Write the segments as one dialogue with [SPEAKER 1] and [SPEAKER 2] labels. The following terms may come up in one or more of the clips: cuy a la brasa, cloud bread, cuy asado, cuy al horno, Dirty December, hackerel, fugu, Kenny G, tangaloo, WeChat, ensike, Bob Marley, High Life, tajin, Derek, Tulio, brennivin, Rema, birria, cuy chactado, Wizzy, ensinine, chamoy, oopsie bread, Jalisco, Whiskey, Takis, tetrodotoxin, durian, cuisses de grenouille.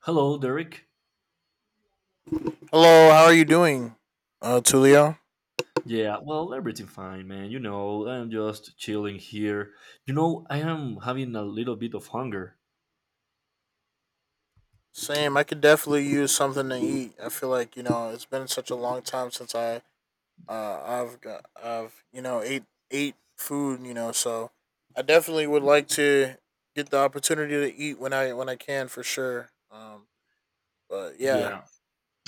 [SPEAKER 1] Hello, Derek.
[SPEAKER 2] Hello, how are you doing, Tulio?
[SPEAKER 1] Yeah, well, everything fine, man. You know, I'm just chilling here. You know, I am having a little bit of hunger.
[SPEAKER 2] Same. I could definitely use something to eat. I feel like it's been such a long time since I I've got I've ate food. So I definitely would like to get the opportunity to eat when I can for sure. But yeah.
[SPEAKER 1] Yeah,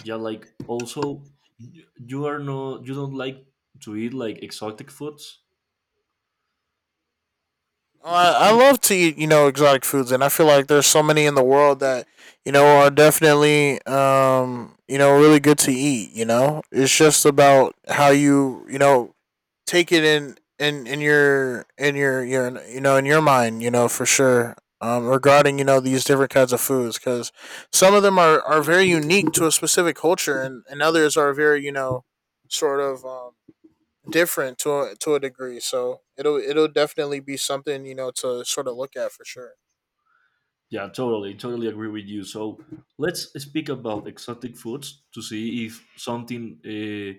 [SPEAKER 1] yeah. Like, also, you are no, you don't like to eat like exotic foods.
[SPEAKER 2] Oh, I love to eat exotic foods, and I feel like there's so many in the world that are definitely really good to eat. It's just about how you you know take it in your you know in your mind, for sure, regarding these different kinds of foods, because some of them are very unique to a specific culture, and others are very, sort of, different to a degree, so it'll definitely be something, to sort of look at for sure.
[SPEAKER 1] Yeah, totally, totally agree with you. So let's speak about exotic foods to see if something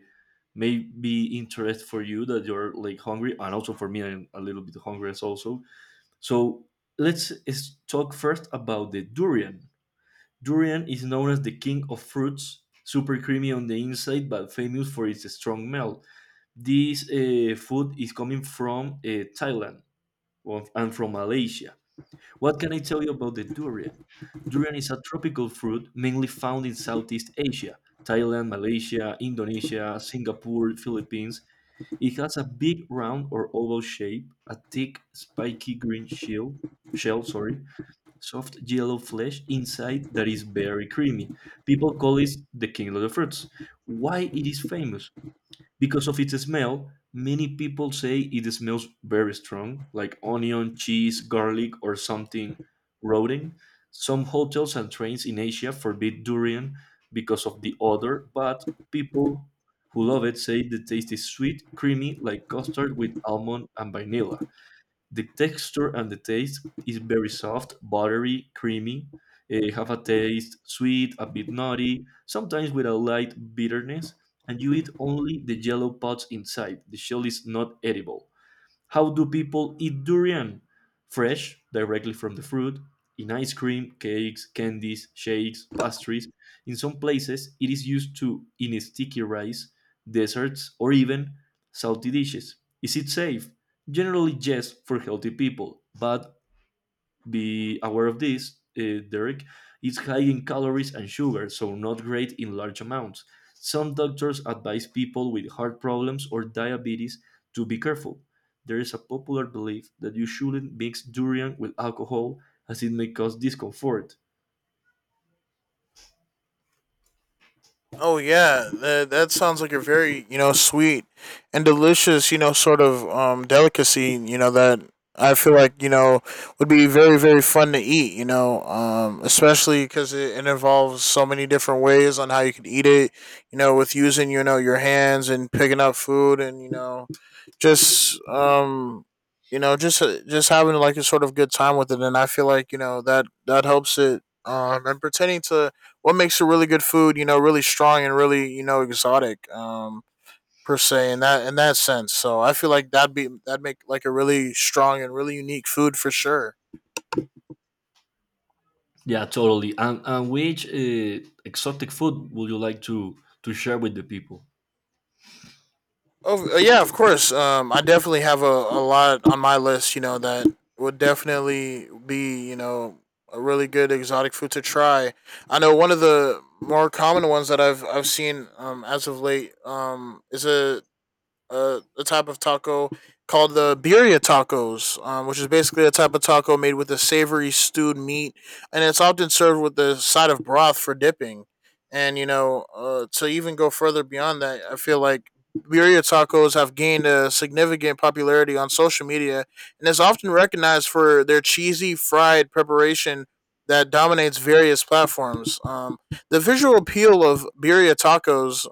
[SPEAKER 1] may be interest for you that you're like hungry, and also for me, I'm a little bit hungry as also. So let's talk first about the durian. Durian is known as the king of fruits, super creamy on the inside, but famous for its strong smell. This food is coming from Thailand and from Malaysia. What can I tell you about the durian? Durian is a tropical fruit mainly found in Southeast Asia, Thailand, Malaysia, Indonesia, Singapore, Philippines. It has a big round or oval shape, a thick, spiky green shell, shell, sorry, soft yellow flesh inside that is very creamy. People call it the king of the fruits. Why it is famous? Because of its smell, many people say it smells very strong, like onion, cheese, garlic, or something rotting. Some hotels and trains in Asia forbid durian because of the odor, but people who love it say the taste is sweet, creamy, like custard with almond and vanilla. The texture and the taste is very soft, buttery, creamy. Have a taste sweet, a bit nutty, sometimes with a light bitterness, and you eat only the yellow pods inside. The shell is not edible. How do people eat durian? Fresh, directly from the fruit, in ice cream, cakes, candies, shakes, pastries. In some places, it is used to in sticky rice, desserts, or even salty dishes. Is it safe? Generally, yes, for healthy people, but be aware of this, Derek. It's high in calories and sugar, so not great in large amounts. Some doctors advise people with heart problems or diabetes to be careful. There is a popular belief that you shouldn't mix durian with alcohol, as it may cause discomfort.
[SPEAKER 2] Oh yeah, that sounds like a very, sweet and delicious, sort of delicacy you know that I feel like, would be very, very fun to eat, especially because it involves so many different ways on how you could eat it, with using your hands and picking up food, and, just you know just having like a sort of good time with it. And I feel like, that helps it, and pretending to what makes a really good food, really strong and really, exotic, per se, in that sense. So I feel like that'd make like a really strong and really unique food for sure.
[SPEAKER 1] Yeah, totally. And which exotic food would you like to share with the people?
[SPEAKER 2] Oh yeah, of course. I definitely have a lot on my list, that would definitely be, a really good exotic food to try. I know one of the more common ones that I've seen, as of late, is a type of taco called the birria tacos, which is basically a type of taco made with a savory stewed meat, and it's often served with a side of broth for dipping. And, to even go further beyond that, I feel like birria tacos have gained a significant popularity on social media, and is often recognized for their cheesy fried preparation that dominates various platforms. The visual appeal of birria tacos,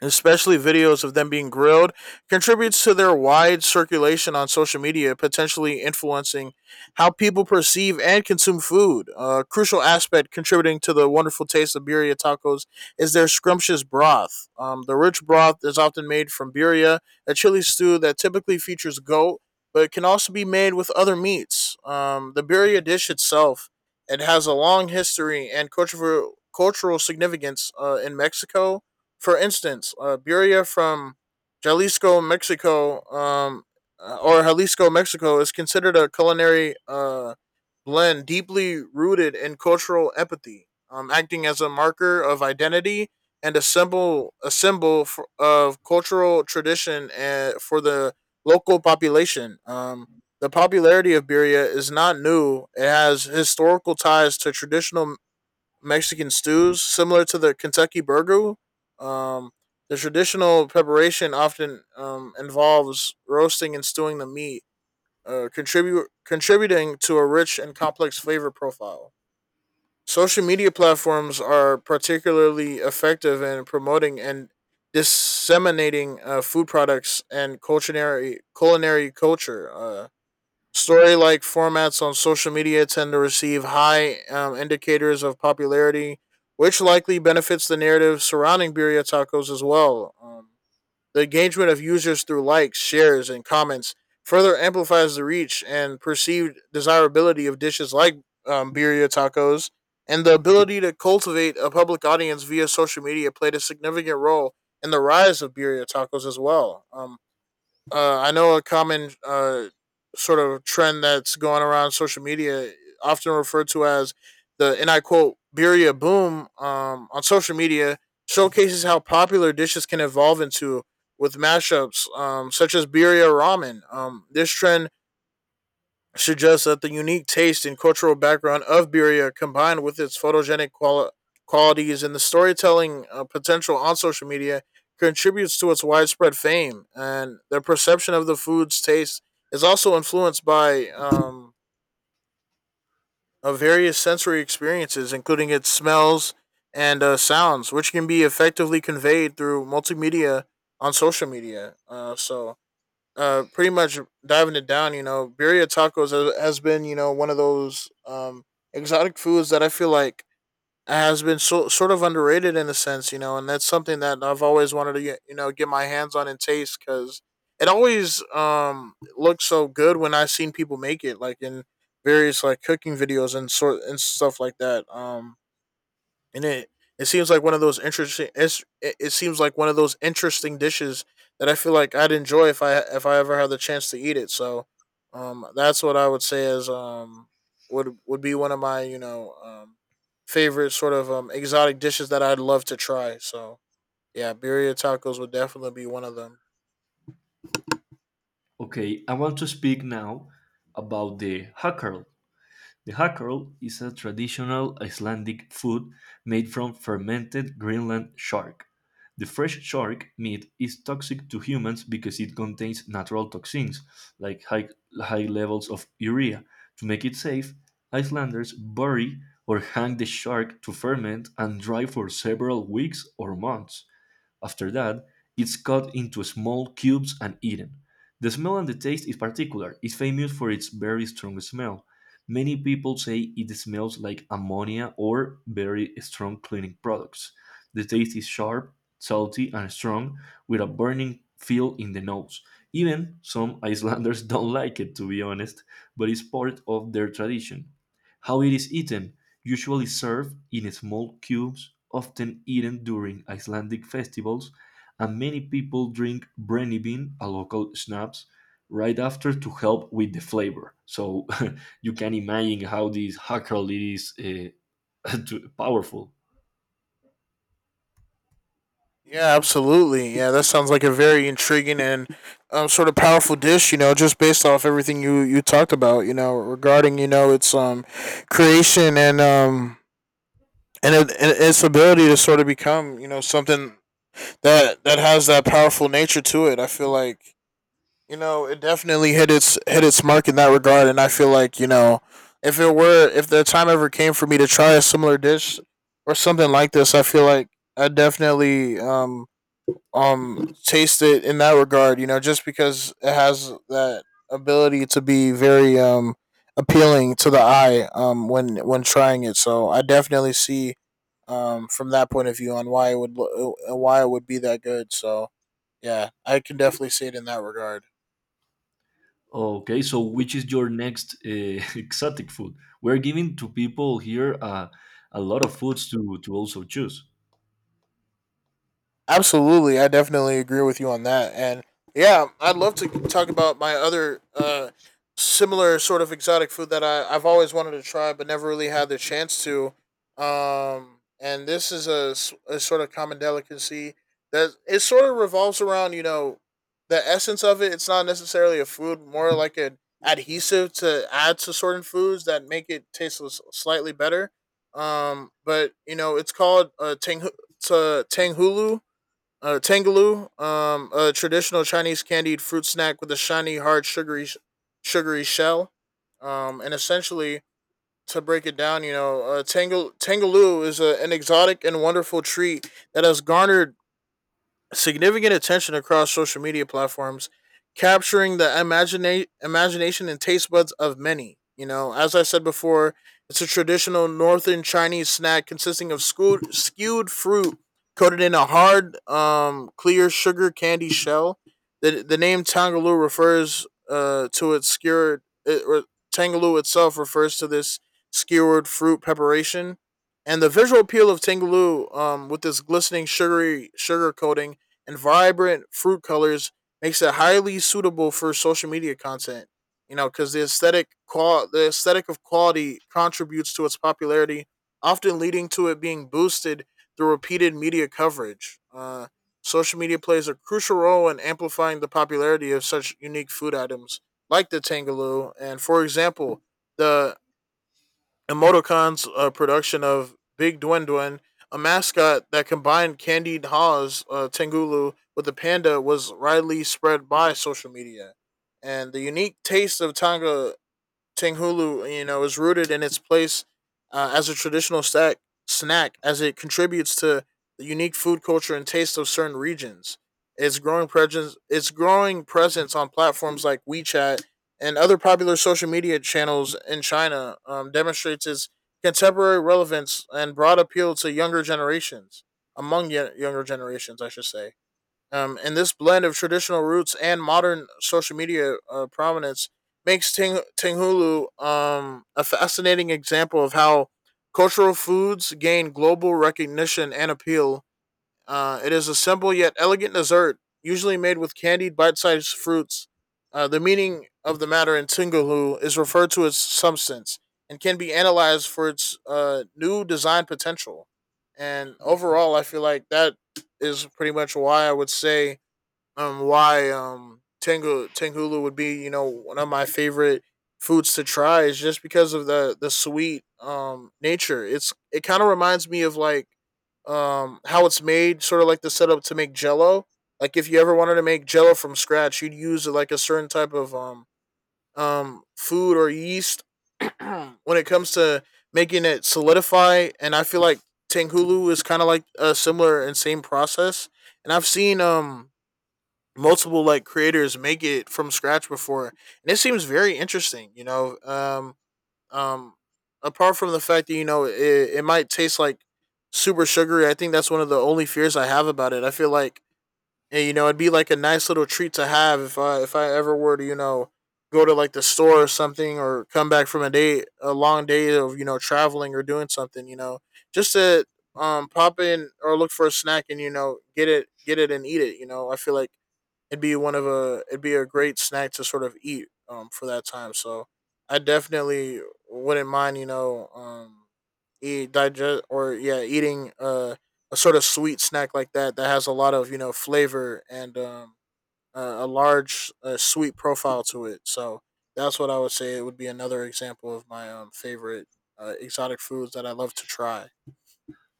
[SPEAKER 2] especially videos of them being grilled, contributes to their wide circulation on social media, potentially influencing how people perceive and consume food. A crucial aspect contributing to the wonderful taste of birria tacos is their scrumptious broth. The rich broth is often made from birria, a chili stew that typically features goat, but it can also be made with other meats. The birria dish itself, it has a long history and cultural significance in Mexico. For instance, Buria from Jalisco, Mexico, or Jalisco, Mexico, is considered a culinary, blend deeply rooted in cultural empathy, acting as a marker of identity and a symbol of cultural tradition and for the local population. The popularity of birria is not new; it has historical ties to traditional Mexican stews, similar to the Kentucky burger. Um, the traditional preparation often, involves roasting and stewing the meat, contributing to a rich and complex flavor profile. Social media platforms are particularly effective in promoting and disseminating, food products and culinary culture. Story like formats on social media tend to receive high, indicators of popularity, which likely benefits the narrative surrounding Birria Tacos as well. The engagement of users through likes, shares, and comments further amplifies the reach and perceived desirability of dishes like, Birria Tacos, and the ability to cultivate a public audience via social media played a significant role in the rise of Birria Tacos as well. I know a common, sort of trend that's going around social media, often referred to as the, and I quote, birria boom, on social media, showcases how popular dishes can evolve into with mashups, such as birria ramen. This trend suggests that the unique taste and cultural background of Birria, combined with its photogenic qualities and the storytelling, potential on social media, contributes to its widespread fame. And the perception of the food's taste is also influenced by, various sensory experiences, including its smells and, sounds, which can be effectively conveyed through multimedia on social media. So, pretty much diving it down, birria tacos has been, one of those, exotic foods that I feel like has been sort of underrated in a sense, and that's something that I've always wanted to get my hands on and taste, because it always, looks so good when I've seen people make it, like in various like cooking videos and stuff like that. And it seems like one of those interesting. It seems like one of those interesting dishes that I feel like I'd enjoy if I ever had the chance to eat it. So, that's what I would say is, would be one of my, favorite sort of, exotic dishes that I'd love to try. So yeah, birria tacos would definitely be one of them.
[SPEAKER 1] Okay, I want to speak now about the hackerel. The hackle is a traditional Icelandic food made from fermented Greenland shark. The fresh shark meat is toxic to humans because it contains natural toxins, like high levels of urea. To make it safe, Icelanders bury or hang the shark to ferment and dry for several weeks or months. After that, it's cut into small cubes and eaten. The smell and the taste is particular. It's famous for its very strong smell. Many people say it smells like ammonia or very strong cleaning products. The taste is sharp, salty, and strong, with a burning feel in the nose. Even some Icelanders don't like it, to be honest, but it's part of their tradition. How it is eaten? Usually served in small cubes, often eaten during Icelandic festivals, and many people drink brennivin, a local schnapps, right after to help with the flavor. So you can imagine how this hackle is powerful.
[SPEAKER 2] Yeah, absolutely. Yeah, that sounds like a very intriguing and, sort of powerful dish. You know, just based off everything you talked about. You know, regarding, its, creation and, and its ability to sort of become, something that has that powerful nature to it. I feel like, it definitely hit its mark in that regard, and I feel like, if it were if the time ever came for me to try a similar dish or something like this, I feel like I definitely, taste it in that regard. You know, just because it has that ability to be very, appealing to the eye, when trying it. So I definitely see, from that point of view on why it would, be that good. So yeah, I can definitely see it in that regard.
[SPEAKER 1] Okay, so which is your next exotic food? We're giving to people here a lot of foods to also choose.
[SPEAKER 2] Absolutely, I definitely agree with you on that. And yeah, I'd love to talk about my other, similar sort of exotic food that I've always wanted to try but never really had the chance to. And this is a, sort of common delicacy that it sort of revolves around, the essence of it. It's not necessarily a food, more like an adhesive to add to certain foods that make it taste slightly better. But, it's called, tang- to tanghulu, Tangaloo, a traditional Chinese candied fruit snack with a shiny, hard, sugary shell. And essentially, to break it down, Tangaloo is an exotic and wonderful treat that has garnered significant attention across social media platforms, capturing the imagination and taste buds of many. As I said before, it's a traditional northern Chinese snack consisting of skewed fruit coated in a hard, clear sugar candy shell. The name Tangaloo refers, to its skewered, or Tangaloo itself refers to this skewered fruit preparation. And the visual appeal of Tangaloo, with this glistening sugary sugar coating and vibrant fruit colors, makes it highly suitable for social media content. Because the aesthetic of quality contributes to its popularity, often leading to it being boosted through repeated media coverage. Social media plays a crucial role in amplifying the popularity of such unique food items like the tangaloo. And for example, the Emoticon's, production of Big Dwindwin, a mascot that combined Candied Haw's, Tengulu with the panda, was widely spread by social media. And the unique taste of Tonga Tinghulu, is rooted in its place, as a traditional snack, as it contributes to the unique food culture and taste of certain regions. Its growing presence on platforms like WeChat and other popular social media channels in China, demonstrates its contemporary relevance and broad appeal to younger generations, among younger generations, I should say. And this blend of traditional roots and modern social media, prominence makes Tinghulu, a fascinating example of how cultural foods gain global recognition and appeal. It is a simple yet elegant dessert, usually made with candied bite-sized fruits. The meaning of the matter in Tinghulu is referred to as substance and can be analyzed for its new design potential. And overall, I feel like that is pretty much why I would say why tengulu would be one of my favorite foods to try is just because of the sweet nature. It's it kind of reminds me of like how it's made, sort of like the setup to make Jello. Like if you ever wanted to make Jello from scratch, you'd use like a certain type of food or yeast when it comes to making it solidify. And I feel like Tenghulu is kind of like a similar and same process. And I've seen multiple like creators make it from scratch before, and it seems very interesting, um apart from the fact that it might taste like super sugary. I think that's one of the only fears I have about it. I feel like, you know, it'd be like a nice little treat to have if I ever were to, you know, go to like the store or something, or come back from a long day of, you know, traveling or doing something, you know, just to pop in or look for a snack and, you know, get it and eat it. You know, I feel like it'd be one of a it'd be a great snack to sort of eat for that time. So I definitely wouldn't mind, you know, eating a sort of sweet snack like that, that has a lot of, you know, flavor and a large sweet profile to it. So that's what I would say it would be, another example of my favorite exotic foods that I love to try.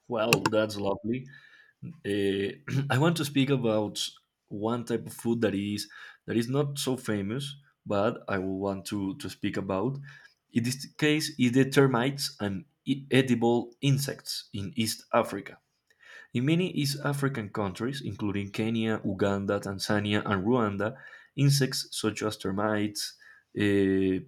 [SPEAKER 1] Well, that's lovely. Uh, I want to speak about one type of food that is not so famous, but I will want to speak about. In this case, is the termites and edible insects in East Africa. In many East African countries, including Kenya, Uganda, Tanzania, and Rwanda, insects such as termites, uh,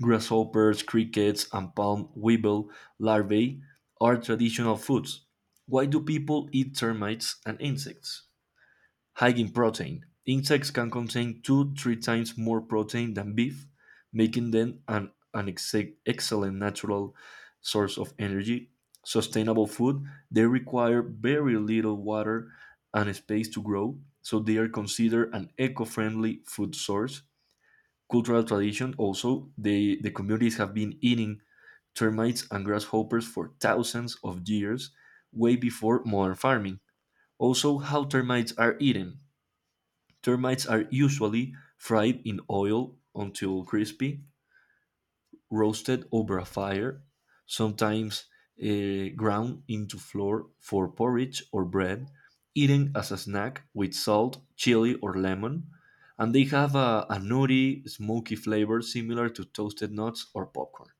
[SPEAKER 1] grasshoppers, crickets, and palm weevil larvae are traditional foods. Why do people eat termites and insects? High in protein. Insects can contain two, three times more protein than beef, making them an excellent natural source of energy. Sustainable food. They require very little water and space to grow, so they are considered an eco friendly food source. Cultural tradition: also, the communities have been eating termites and grasshoppers for thousands of years, way before modern farming. Also, how termites are eaten: termites are usually fried in oil until crispy, roasted over a fire, sometimes ground into flour for porridge or bread, eaten as a snack with salt, chili, or lemon, and they have a nutty, smoky flavor similar to toasted nuts or popcorn.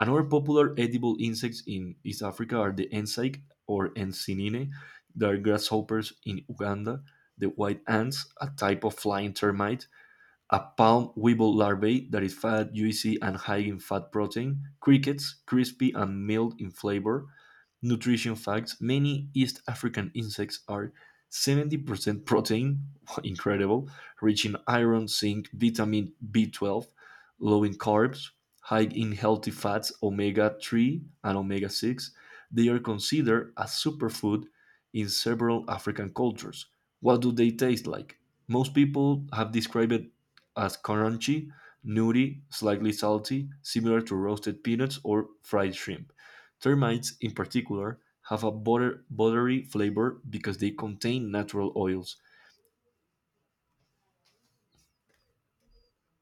[SPEAKER 1] Another popular edible insects in East Africa are the ensike or ensinine, they are grasshoppers in Uganda, the white ants, a type of flying termite, a palm weevil larvae that is fat, juicy, and high in fat protein, crickets, crispy and mild in flavor. Nutrition facts: Many East African insects are 70% protein, incredible, rich in iron, zinc, vitamin B12, low in carbs, high in healthy fats, omega 3 and omega 6. They are considered a superfood in several African cultures. What do they taste like? Most people have described as crunchy, nutty, slightly salty, similar to roasted peanuts or fried shrimp. Termites, in particular, have a buttery flavor because they contain natural oils.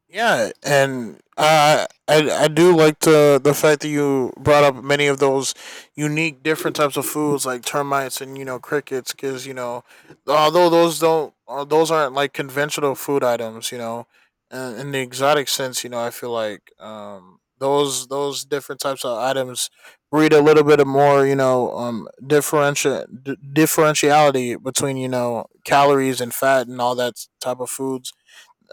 [SPEAKER 2] Yeah, and I do like the fact that you brought up many of those unique different types of foods like termites and, you know, crickets, because, you know, although those don't those aren't like conventional food items, you know, in the exotic sense. You know, I feel like those different types of items breed a little bit of more, you know, differentiality between, you know, calories and fat and all that type of foods,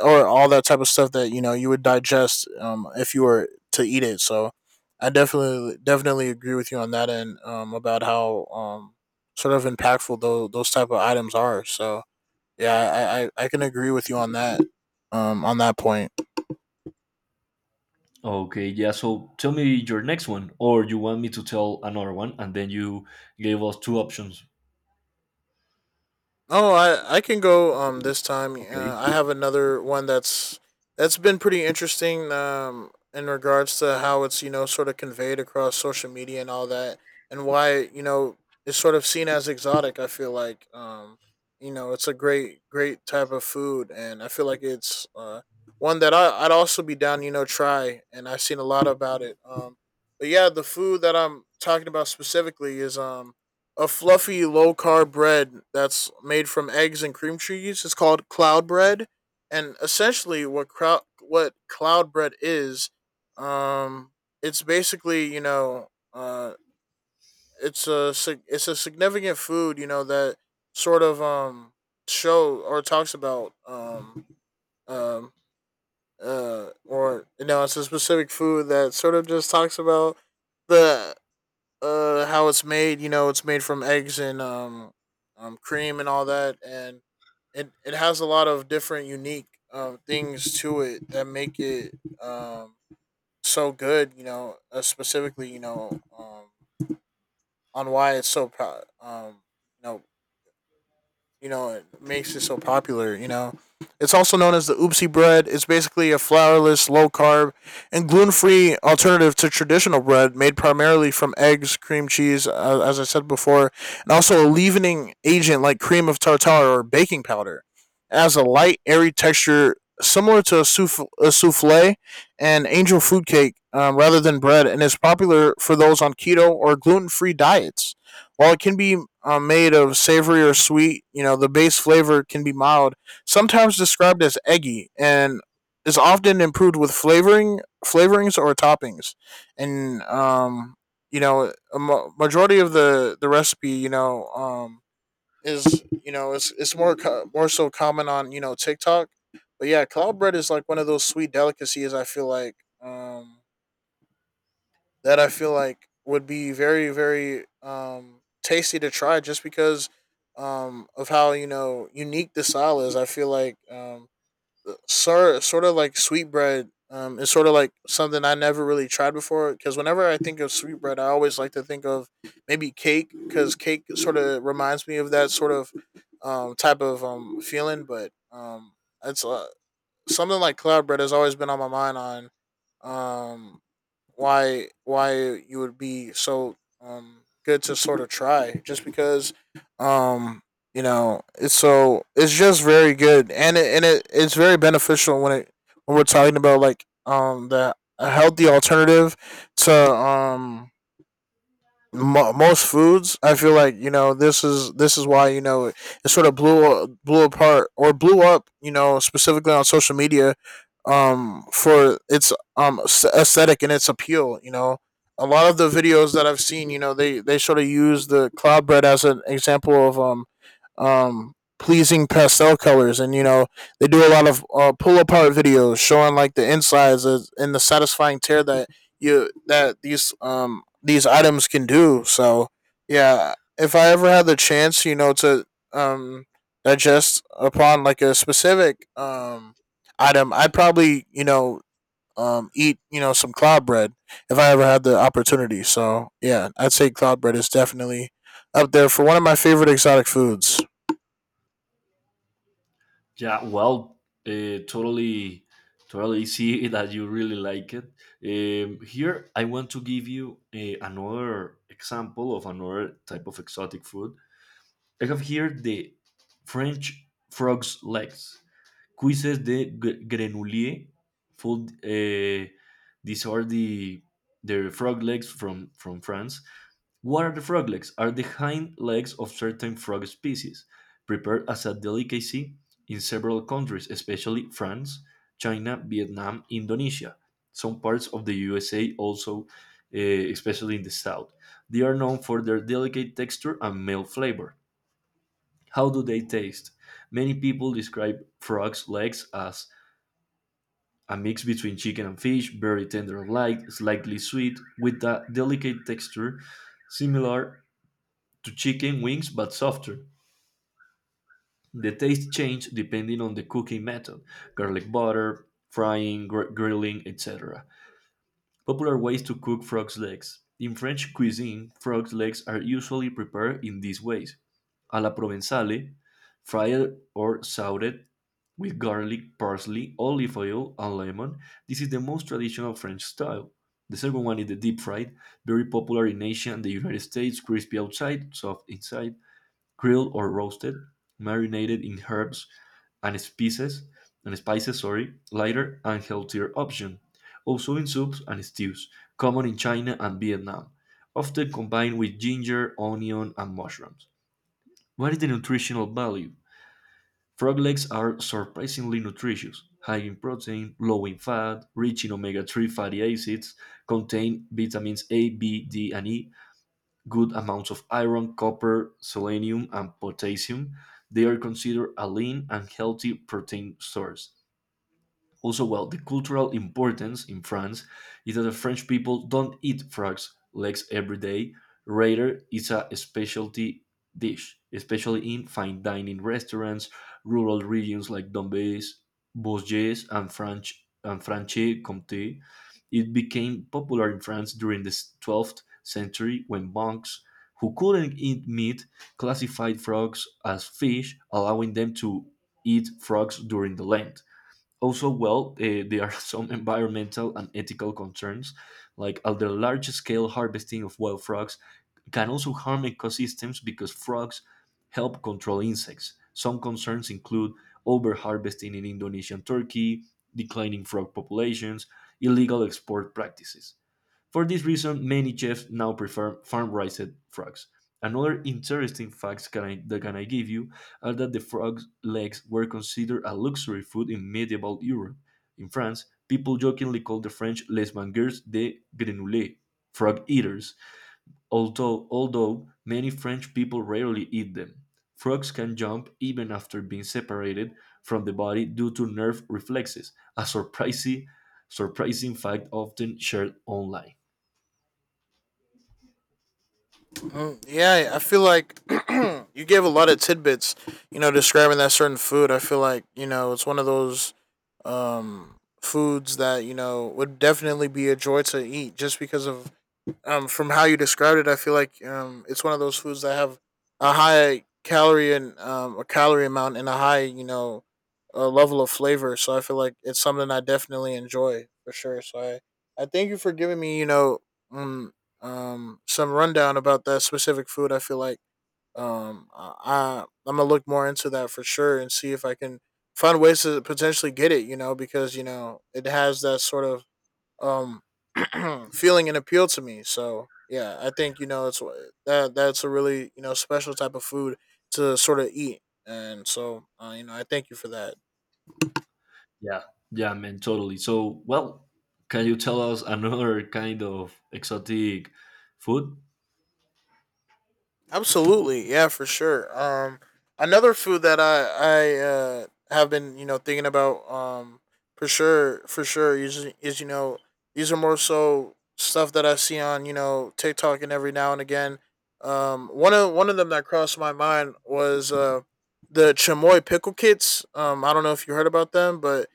[SPEAKER 2] or all that type of stuff that, you know, you would digest, if you were to eat it. So I definitely definitely agree with you on that end, about how, sort of impactful those type of items are. So yeah, I can agree with you on that, on that point.
[SPEAKER 1] Okay, yeah, so tell me your next one, or you want me to tell another one, and then you gave us two options.
[SPEAKER 2] Oh, I can go this time.
[SPEAKER 1] Okay.
[SPEAKER 2] I have another one that's been pretty interesting in regards to how it's, you know, sort of conveyed across social media and all that, and why, you know, it's sort of seen as exotic. I feel like, you know, it's a great great type of food, and I feel like it's one that I'd also be down, you know, try, and I've seen a lot about it. But yeah, the food that I'm talking about specifically is a fluffy low carb bread that's made from eggs and cream cheese is called cloud bread. And essentially, what cloud bread is, um, it's basically, you know, uh, it's a it's a significant food, you know, that sort of show or talks about um or you know, it's a specific food that sort of just talks about the how it's made. You know, it's made from eggs and, cream and all that, and it has a lot of different unique things to it that make it so good. You know, specifically, you know, on why it's so pro- you know you know, it makes it so popular, you know. It's also known as the oopsie bread. It's basically a flourless, low carb, and gluten free alternative to traditional bread, made primarily from eggs, cream cheese, as I said before, and also a leavening agent like cream of tartar or baking powder. It has a light, airy texture similar to a souffle and angel food cake, rather than bread, and is popular for those on keto or gluten free diets. While it can be made of savory or sweet, you know, the base flavor can be mild, sometimes described as eggy, and is often improved with flavorings or toppings. And you know, majority of the recipe, you know, is, you know, it's more so common on, you know, TikTok. But yeah, cloud bread is like one of those sweet delicacies, I feel like. Um, that I feel like would be very, very tasty to try, just because of how, you know, unique the style is. I feel like, sort of like sweetbread, is sort of like something I never really tried before, because whenever I think of sweetbread, I always like to think of maybe cake, because cake sort of reminds me of that sort of type of feeling. But it's something like cloud bread has always been on my mind on um why you would be so good to sort of try, just because um you know, it's so it's just very good, and it's very beneficial when it when we're talking about like the a healthy alternative to most foods. I feel like, you know, this is why, you know, it sort of blew blew apart or blew up, you know, specifically on social media for its aesthetic and its appeal. You know, a lot of the videos that I've seen, you know, they sort of use the cloud bread as an example of pleasing pastel colors. And you know, they do a lot of pull apart videos, showing like the insides and the satisfying tear that you that these items can do. So yeah, if I ever had the chance, you know, to um digest upon like a specific item, I'd probably, you know, eat, you know, some cloud bread if I ever had the opportunity. So yeah, I'd say cloud bread is definitely up there for one of my favorite exotic foods.
[SPEAKER 1] Yeah, well, totally, totally see that you really like it. Here, I want to give you another example of another type of exotic food. I have here the French frog's legs, cuisses de grenouille, food. These are the frog legs from France. What are the frog legs? Are the hind legs of certain frog species, prepared as a delicacy in several countries, especially France, China, Vietnam, Indonesia, some parts of the USA also, especially in the south. They are known for their delicate texture and mild flavor. How do they taste? Many people describe frog's legs as a mix between chicken and fish, very tender and light, slightly sweet, with a delicate texture similar to chicken wings but softer. The taste change depending on the cooking method: garlic butter, frying, grilling, etc. Popular ways to cook frog's legs. In French cuisine, frog's legs are usually prepared in these ways: a la provenzale, fried or sauteed with garlic, parsley, olive oil, and lemon. This is the most traditional French style. The second one is the deep fried, very popular in Asia and the United States, crispy outside, soft inside; grilled or roasted, marinated in herbs and spices, and spices, sorry, lighter and healthier option; also in soups and stews, common in China and Vietnam, often combined with ginger, onion, and mushrooms. What is the nutritional value? Frog legs are surprisingly nutritious, high in protein, low in fat, rich in omega 3 fatty acids, contain vitamins A, B, D, and E, good amounts of iron, copper, selenium, and potassium. They are considered a lean and healthy protein source. Also, well, the cultural importance in France is that the French people don't eat frogs legs every day. Rather, it's a specialty dish, especially in fine dining restaurants, rural regions like Dombes, Bourges, and French and Franche Comté. It became popular in France during the 12th century when monks who couldn't eat meat classified frogs as fish, allowing them to eat frogs during the Lent. Also, well, there are some environmental and ethical concerns, like at the large scale harvesting of wild frogs can also harm ecosystems because frogs help control insects. Some concerns include overharvesting in Indonesian Turkey, declining frog populations, illegal export practices. For this reason, many chefs now prefer farm-raised frogs. Another interesting fact that can I give you are that the frog's legs were considered a luxury food in medieval Europe. In France, people jokingly called the French les mangeurs de grenouilles, frog eaters, although many French people rarely eat them. Frogs can jump even after being separated from the body due to nerve reflexes, a surprising fact often shared online.
[SPEAKER 2] Mm, yeah, I feel like you gave a lot of tidbits, you know, describing that certain food. I feel like, you know, it's one of those foods that, you know, would definitely be a joy to eat, just because of from how you described it, I feel like, it's one of those foods that have a high calorie and, a calorie amount and a high, you know, a level of flavor. So I feel like it's something I definitely enjoy for sure. So I thank you for giving me, you know, um, some rundown about that specific food. I feel like, I'm gonna look more into that for sure, and see if I can find ways to potentially get it. You know, because you know, it has that sort of um feeling an appeal to me. So yeah, I think, you know, it's that's a really, you know, special type of food to sort of eat, and so you know, I thank you for that.
[SPEAKER 1] Yeah, yeah, man, totally. So, well, can you tell us another kind of exotic food?
[SPEAKER 2] Absolutely, yeah, for sure. Another food that I have been, you know, thinking about for sure is you know, these are more so stuff that I see on, you know, TikTok and every now and again. One of them that crossed my mind was the chamoy pickle kits. I don't know if you heard about them, but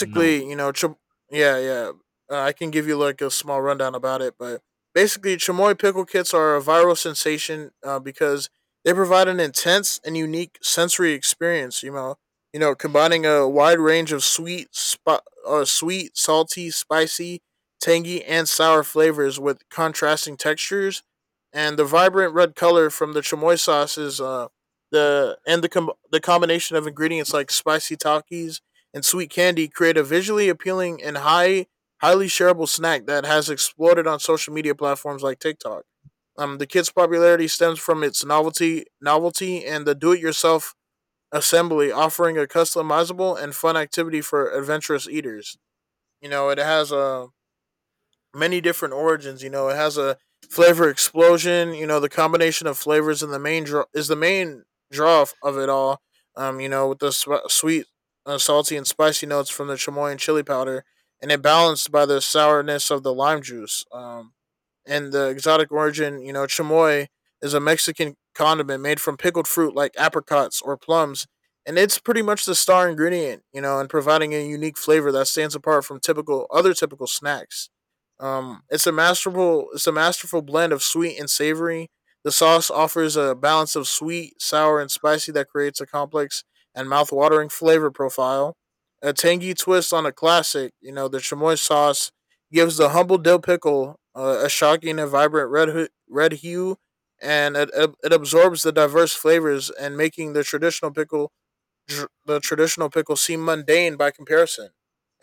[SPEAKER 1] No.
[SPEAKER 2] you know, yeah, yeah, I can give you like a small rundown about it. But basically, chamoy pickle kits are a viral sensation, because they provide an intense and unique sensory experience. You know, combining a wide range of sweet, sweet, salty, spicy, tangy, and sour flavors with contrasting textures, and the vibrant red color from the chamoy sauce is, the the combination of ingredients like spicy takis and sweet candy create a visually appealing and highly shareable snack that has exploded on social media platforms like TikTok. The kit's popularity stems from its novelty, and the do-it-yourself assembly, offering a customizable and fun activity for adventurous eaters. You know, it has a many different origins. You know, it has a flavor explosion. You know, the combination of flavors in the main draw is the main draw of- it all. With the sweet, salty, and spicy notes from the chamoy chili powder, and it balanced by the sourness of the lime juice. And the exotic origin, you know, chamoy is a Mexican condiment made from pickled fruit like apricots or plums. And it's pretty much the star ingredient, you know, and providing a unique flavor that stands apart from typical other typical snacks. It's a masterful blend of sweet and savory. The sauce offers a balance of sweet, sour, and spicy that creates a complex and mouth-watering flavor profile. A tangy twist on a classic, you know, the chamoy sauce gives the humble dill pickle a shocking and vibrant red red hue, and it absorbs the diverse flavors and making the traditional pickle tr- the traditional pickles seem mundane by comparison.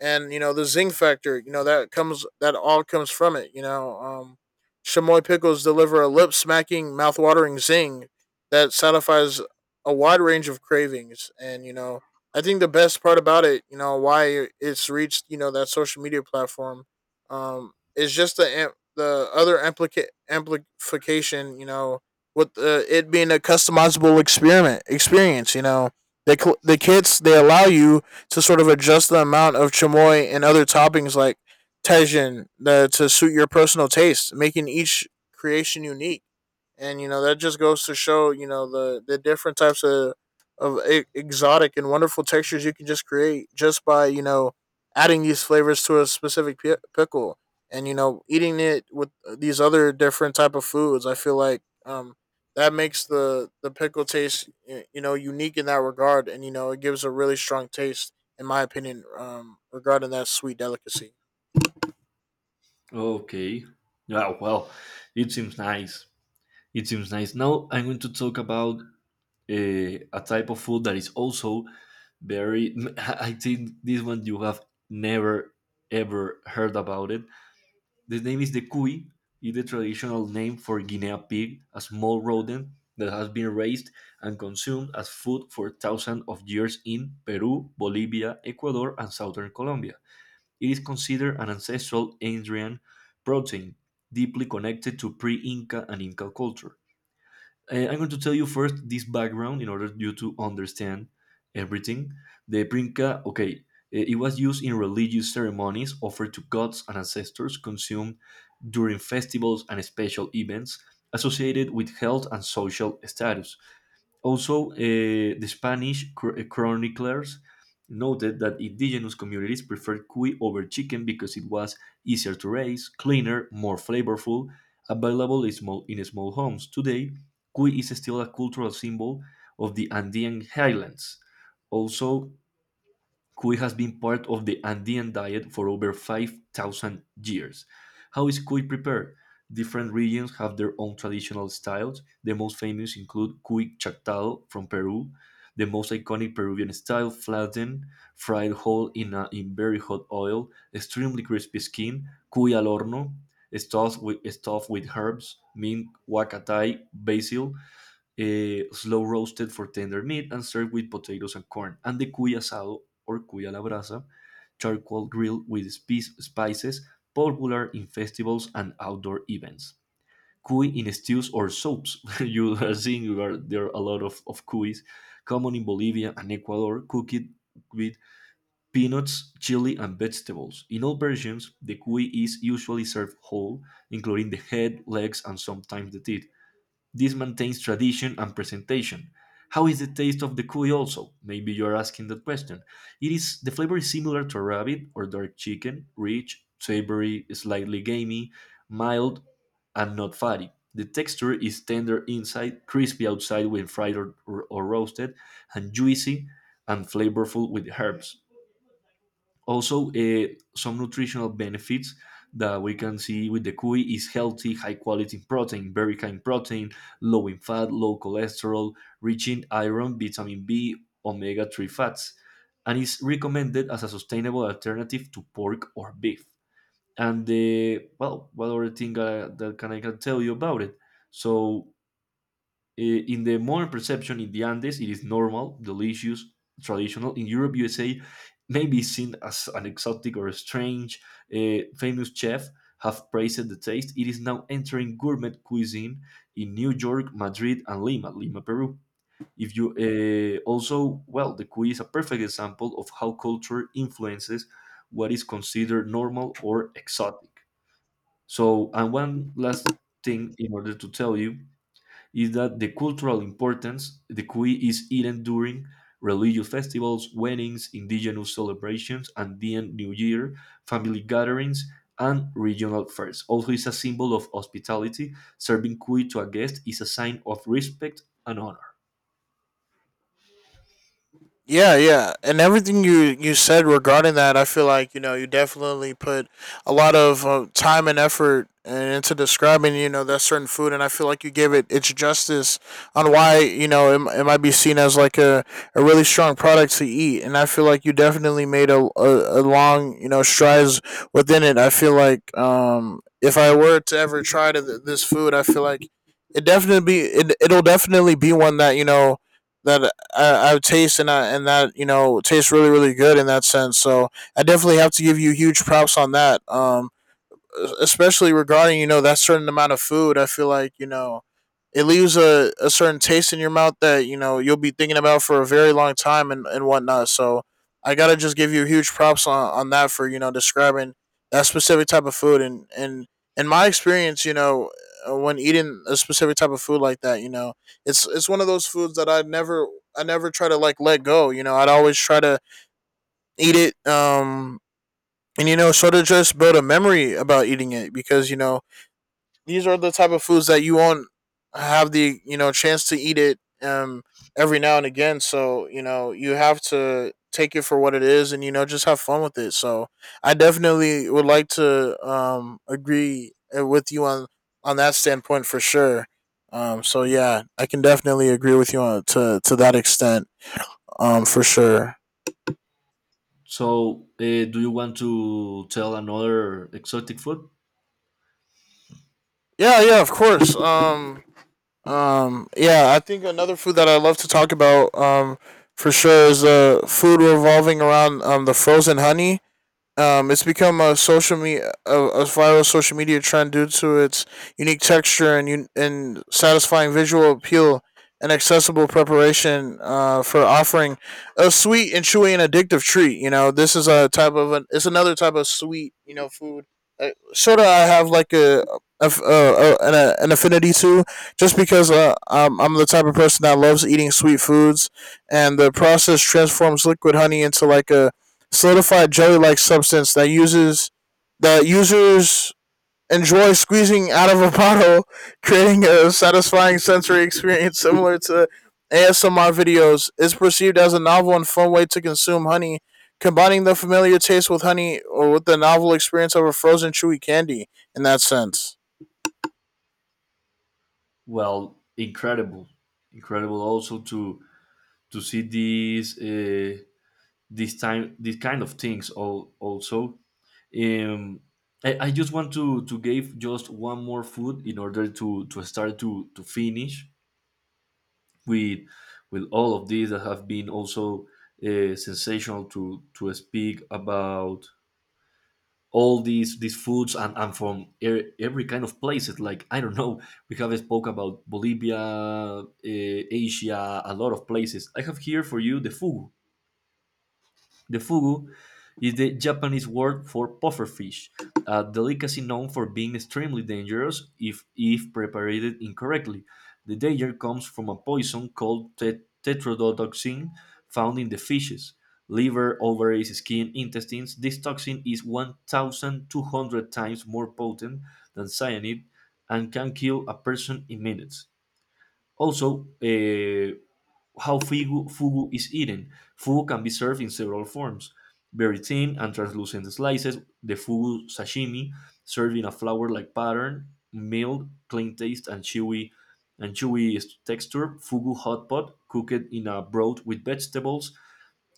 [SPEAKER 2] And you know the zing factor, you know that all comes from it. Chamoy pickles deliver a lip smacking, mouth-watering zing that satisfies a wide range of cravings. And you know, I think the best part about it, you know, why it's reached, you know, that social media platform, is just the other amplification. You know, with it being a customizable experiment experience. You know, the kits they allow you to sort of adjust the amount of chamoy and other toppings like tajin to suit your personal taste, making each creation unique. And you know that just goes to show you know the different types of exotic and wonderful textures you can just create just by you know adding these flavors to a specific pi pickle and you know eating it with these other different type of foods I feel like that makes the pickle taste you know unique in that regard, and you know it gives a really strong taste in my opinion regarding that sweet delicacy.
[SPEAKER 1] Okay. Yeah, well, it seems nice. It seems nice. Now I'm going to talk about a type of food that is also very. I think this one you have never ever heard about it. The name is the cuy, is the traditional name for Guinea pig, a small rodent that has been raised and consumed as food for thousands of years in Peru, Bolivia, Ecuador, and southern Colombia. It is considered an ancestral Andean protein, deeply connected to pre Inca and Inca culture. I'm going to tell you first this background in order you to understand everything. The brinca, okay, it was used in religious ceremonies offered to gods and ancestors, consumed during festivals and special events associated with health and social status. Also, the Spanish chroniclers noted that indigenous communities preferred cuy over chicken because it was easier to raise, cleaner, more flavorful, available in small homes. Today, cuy is still a cultural symbol of the Andean highlands. Also, cuy has been part of the Andean diet for over 5,000 years. How is cuy prepared? Different regions have their own traditional styles. The most famous include cuy chactado from Peru, the most iconic Peruvian style, flattened, fried whole in very hot oil, extremely crispy skin, cuy al horno, stuffed with herbs, mint, huacatay, basil, slow roasted for tender meat, and served with potatoes and corn. And the cuy asado or cuy a la brasa, charcoal grilled with spices, popular in festivals and outdoor events. Cuy in stews or soups. you are seeing you are, there are a lot of cuys, common in Bolivia and Ecuador, cooked with peanuts, chili, and vegetables. In all versions, the cuy is usually served whole, including the head, legs, and sometimes the teeth. This maintains tradition and presentation. How is the taste of the cuy also? Maybe you're asking that question. It is the flavor is similar to rabbit or dark chicken, rich, savory, slightly gamey, mild, and not fatty. The texture is tender inside, crispy outside when fried or roasted, and juicy and flavorful with herbs also some nutritional benefits that we can see with the cuy is healthy high quality protein, very high in protein, low in fat, low cholesterol, rich in iron, vitamin b, omega-3 fats, and is recommended as a sustainable alternative to pork or beef. And the, well, what other thing that can I can tell you about it? So in the modern perception in the Andes, it is normal, delicious, traditional. In Europe, USA, maybe seen as an exotic or a strange. Famous chef have praised the taste. It is now entering gourmet cuisine in New York, Madrid, and Lima, Peru. If you also, well, the cuisine is a perfect example of how culture influences what is considered normal or exotic. So, and one last thing in order to tell you is that the cultural importance, the cuy is eaten during religious festivals, weddings, indigenous celebrations, Andean New Year, family gatherings, and regional fairs. Also, it's a symbol of hospitality. Serving cuy to a guest is a sign of respect and honor.
[SPEAKER 2] Yeah, yeah, and everything you said regarding that, I feel like you know you definitely put a lot of time and effort into describing you know that certain food, and I feel like you gave it its justice on why you know it, it might be seen as like a really strong product to eat, and I feel like you definitely made a long you know strides within it. I feel like if I were to ever try to this food, I feel like it'll definitely be one that you know that I taste and and that you know tastes really really good in that sense. So I definitely have to give you huge props on that. Especially regarding you know that certain amount of food, I feel like you know it leaves a certain taste in your mouth that you know you'll be thinking about for a very long time and whatnot, so I gotta just give you huge props on that for you know describing that specific type of food and in my experience you know when eating a specific type of food like that you know it's one of those foods that I never try to like let go, you know I'd always try to eat it, and you know sort of just build a memory about eating it because you know these are the type of foods that you won't have the you know chance to eat it every now and again, so you know you have to take it for what it is and you know just have fun with it. So I definitely would like to agree with you on that standpoint for sure. So yeah, I can definitely agree with you on to that extent, for sure.
[SPEAKER 1] So, do you want to tell another exotic food?
[SPEAKER 2] Yeah, yeah, of course. Yeah, I think another food that I love to talk about, for sure is food revolving around the frozen honey. It's become a a viral social media trend due to its unique texture and satisfying visual appeal and accessible preparation for offering a sweet and chewy and addictive treat. You know, this is a type of an, it's another type of sweet you know food. Sort of, I have like a an affinity to, just because I'm the type of person that loves eating sweet foods, and the process transforms liquid honey into like a solidified jelly-like substance that users enjoy squeezing out of a bottle, creating a satisfying sensory experience similar to ASMR videos. It's perceived as a novel and fun way to consume honey, combining the familiar taste with honey or with the novel experience of a frozen chewy candy. In that sense.
[SPEAKER 1] Well, incredible, incredible also to see these. This time these kind of things all, also um I just want to give just one more food in order to start to finish with with all of these that have been also sensational to speak about all these foods and from every kind of places like I don't know, we have spoke about Bolivia, Asia, a lot of places. I have here for you the fugu. The fugu is the Japanese word for pufferfish, a delicacy known for being extremely dangerous if prepared incorrectly. The danger comes from a poison called tetrodotoxin found in the fishes. Liver, ovaries, skin, intestines. This toxin is 1,200 times more potent than cyanide and can kill a person in minutes. Also, how fugu is eaten. Fugu can be served in several forms: very thin and translucent slices, the fugu sashimi, served in a flower-like pattern, mild, clean taste, and chewy texture. Fugu hot pot, cooked in a broth with vegetables,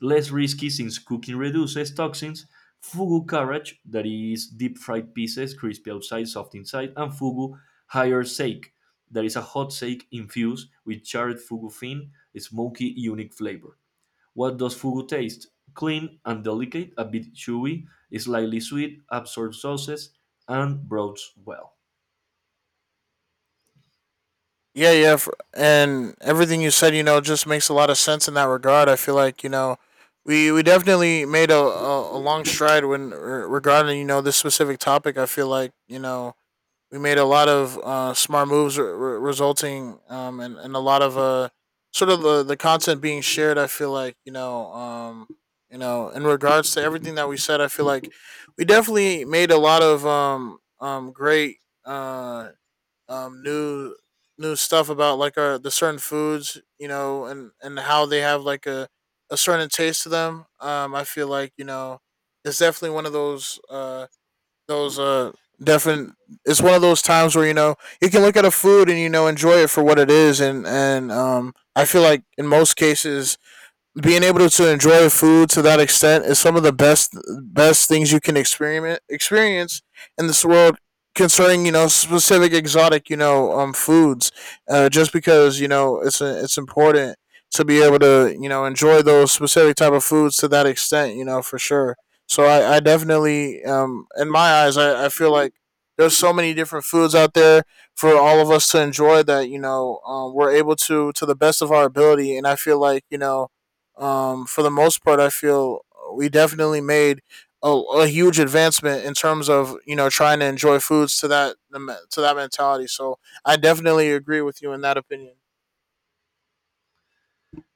[SPEAKER 1] less risky since cooking reduces toxins. Fugu courage, that is deep fried pieces, crispy outside, soft inside. And fugu higher sake, that is a hot sake infused with charred fugu fin, a smoky, unique flavor. What does fugu taste? Clean and delicate, a bit chewy, slightly sweet, absorbs sauces, and broads well.
[SPEAKER 2] Yeah, yeah, f and everything you said, you know, just makes a lot of sense in that regard. I feel like you know, we definitely made a long stride when regarding you know this specific topic. I feel like you know we made a lot of smart moves, resulting and a lot of sort of the content being shared. I feel like you know in regards to everything that we said, I feel like we definitely made a lot of great uh new stuff about like our the certain foods, you know, and how they have like a certain taste to them. I feel like you know it's definitely one of those those uh definite. It's one of those times where you know you can look at a food and you know enjoy it for what it is, and I feel like in most cases being able to enjoy food to that extent is some of the best things you can experiment experience in this world concerning you know specific exotic you know foods, just because you know it's important to be able to you know enjoy those specific type of foods to that extent, you know, for sure. So I definitely in my eyes I feel like there's so many different foods out there for all of us to enjoy that you know we're able to the best of our ability, and I feel like you know for the most part, I feel we definitely made a huge advancement in terms of you know trying to enjoy foods to that mentality. So I definitely agree with you in that opinion.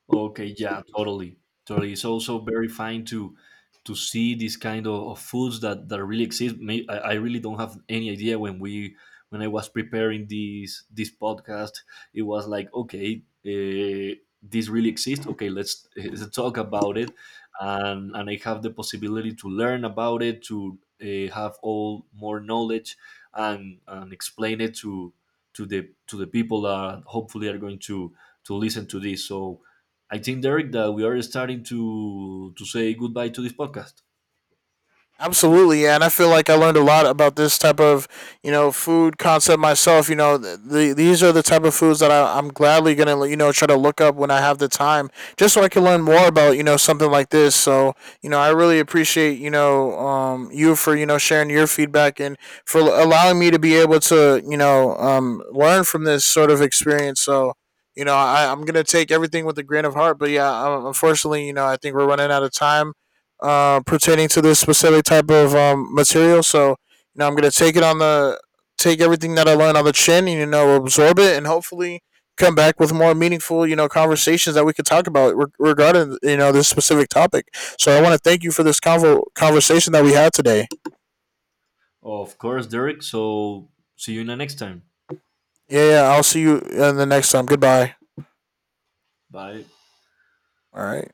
[SPEAKER 1] Okay, yeah, totally, totally. It's also very fine to see these kind of foods that that really exist. May, I really don't have any idea when we when I was preparing this podcast, it was like okay, this really exists. Okay, let's, let's talk about it, and I have the possibility to learn about it, to have all more knowledge, and explain it to the people that hopefully are going to listen to this. So I think, Derek, that we are starting to say goodbye to this podcast.
[SPEAKER 2] Absolutely, yeah, and I feel like I learned a lot about this type of you know food concept myself. You know, these are the type of foods that I'm gladly gonna you know try to look up when I have the time, just so I can learn more about you know something like this. So you know, I really appreciate you know you for you know sharing your feedback and for allowing me to be able to you know learn from this sort of experience. So. You know, I'm gonna take everything with a grain of heart, but yeah, unfortunately, you know, I think we're running out of time pertaining to this specific type of material. So you know, I'm gonna take it on the take everything that I learned on the chin, and you know, absorb it, and hopefully come back with more meaningful, you know, conversations that we could talk about regarding you know this specific topic. So I want to thank you for this conversation that we had today.
[SPEAKER 1] Of course, Derek. So see you in the next time.
[SPEAKER 2] Yeah, yeah. I'll see you in the next time. Goodbye.
[SPEAKER 1] Bye.
[SPEAKER 2] All right.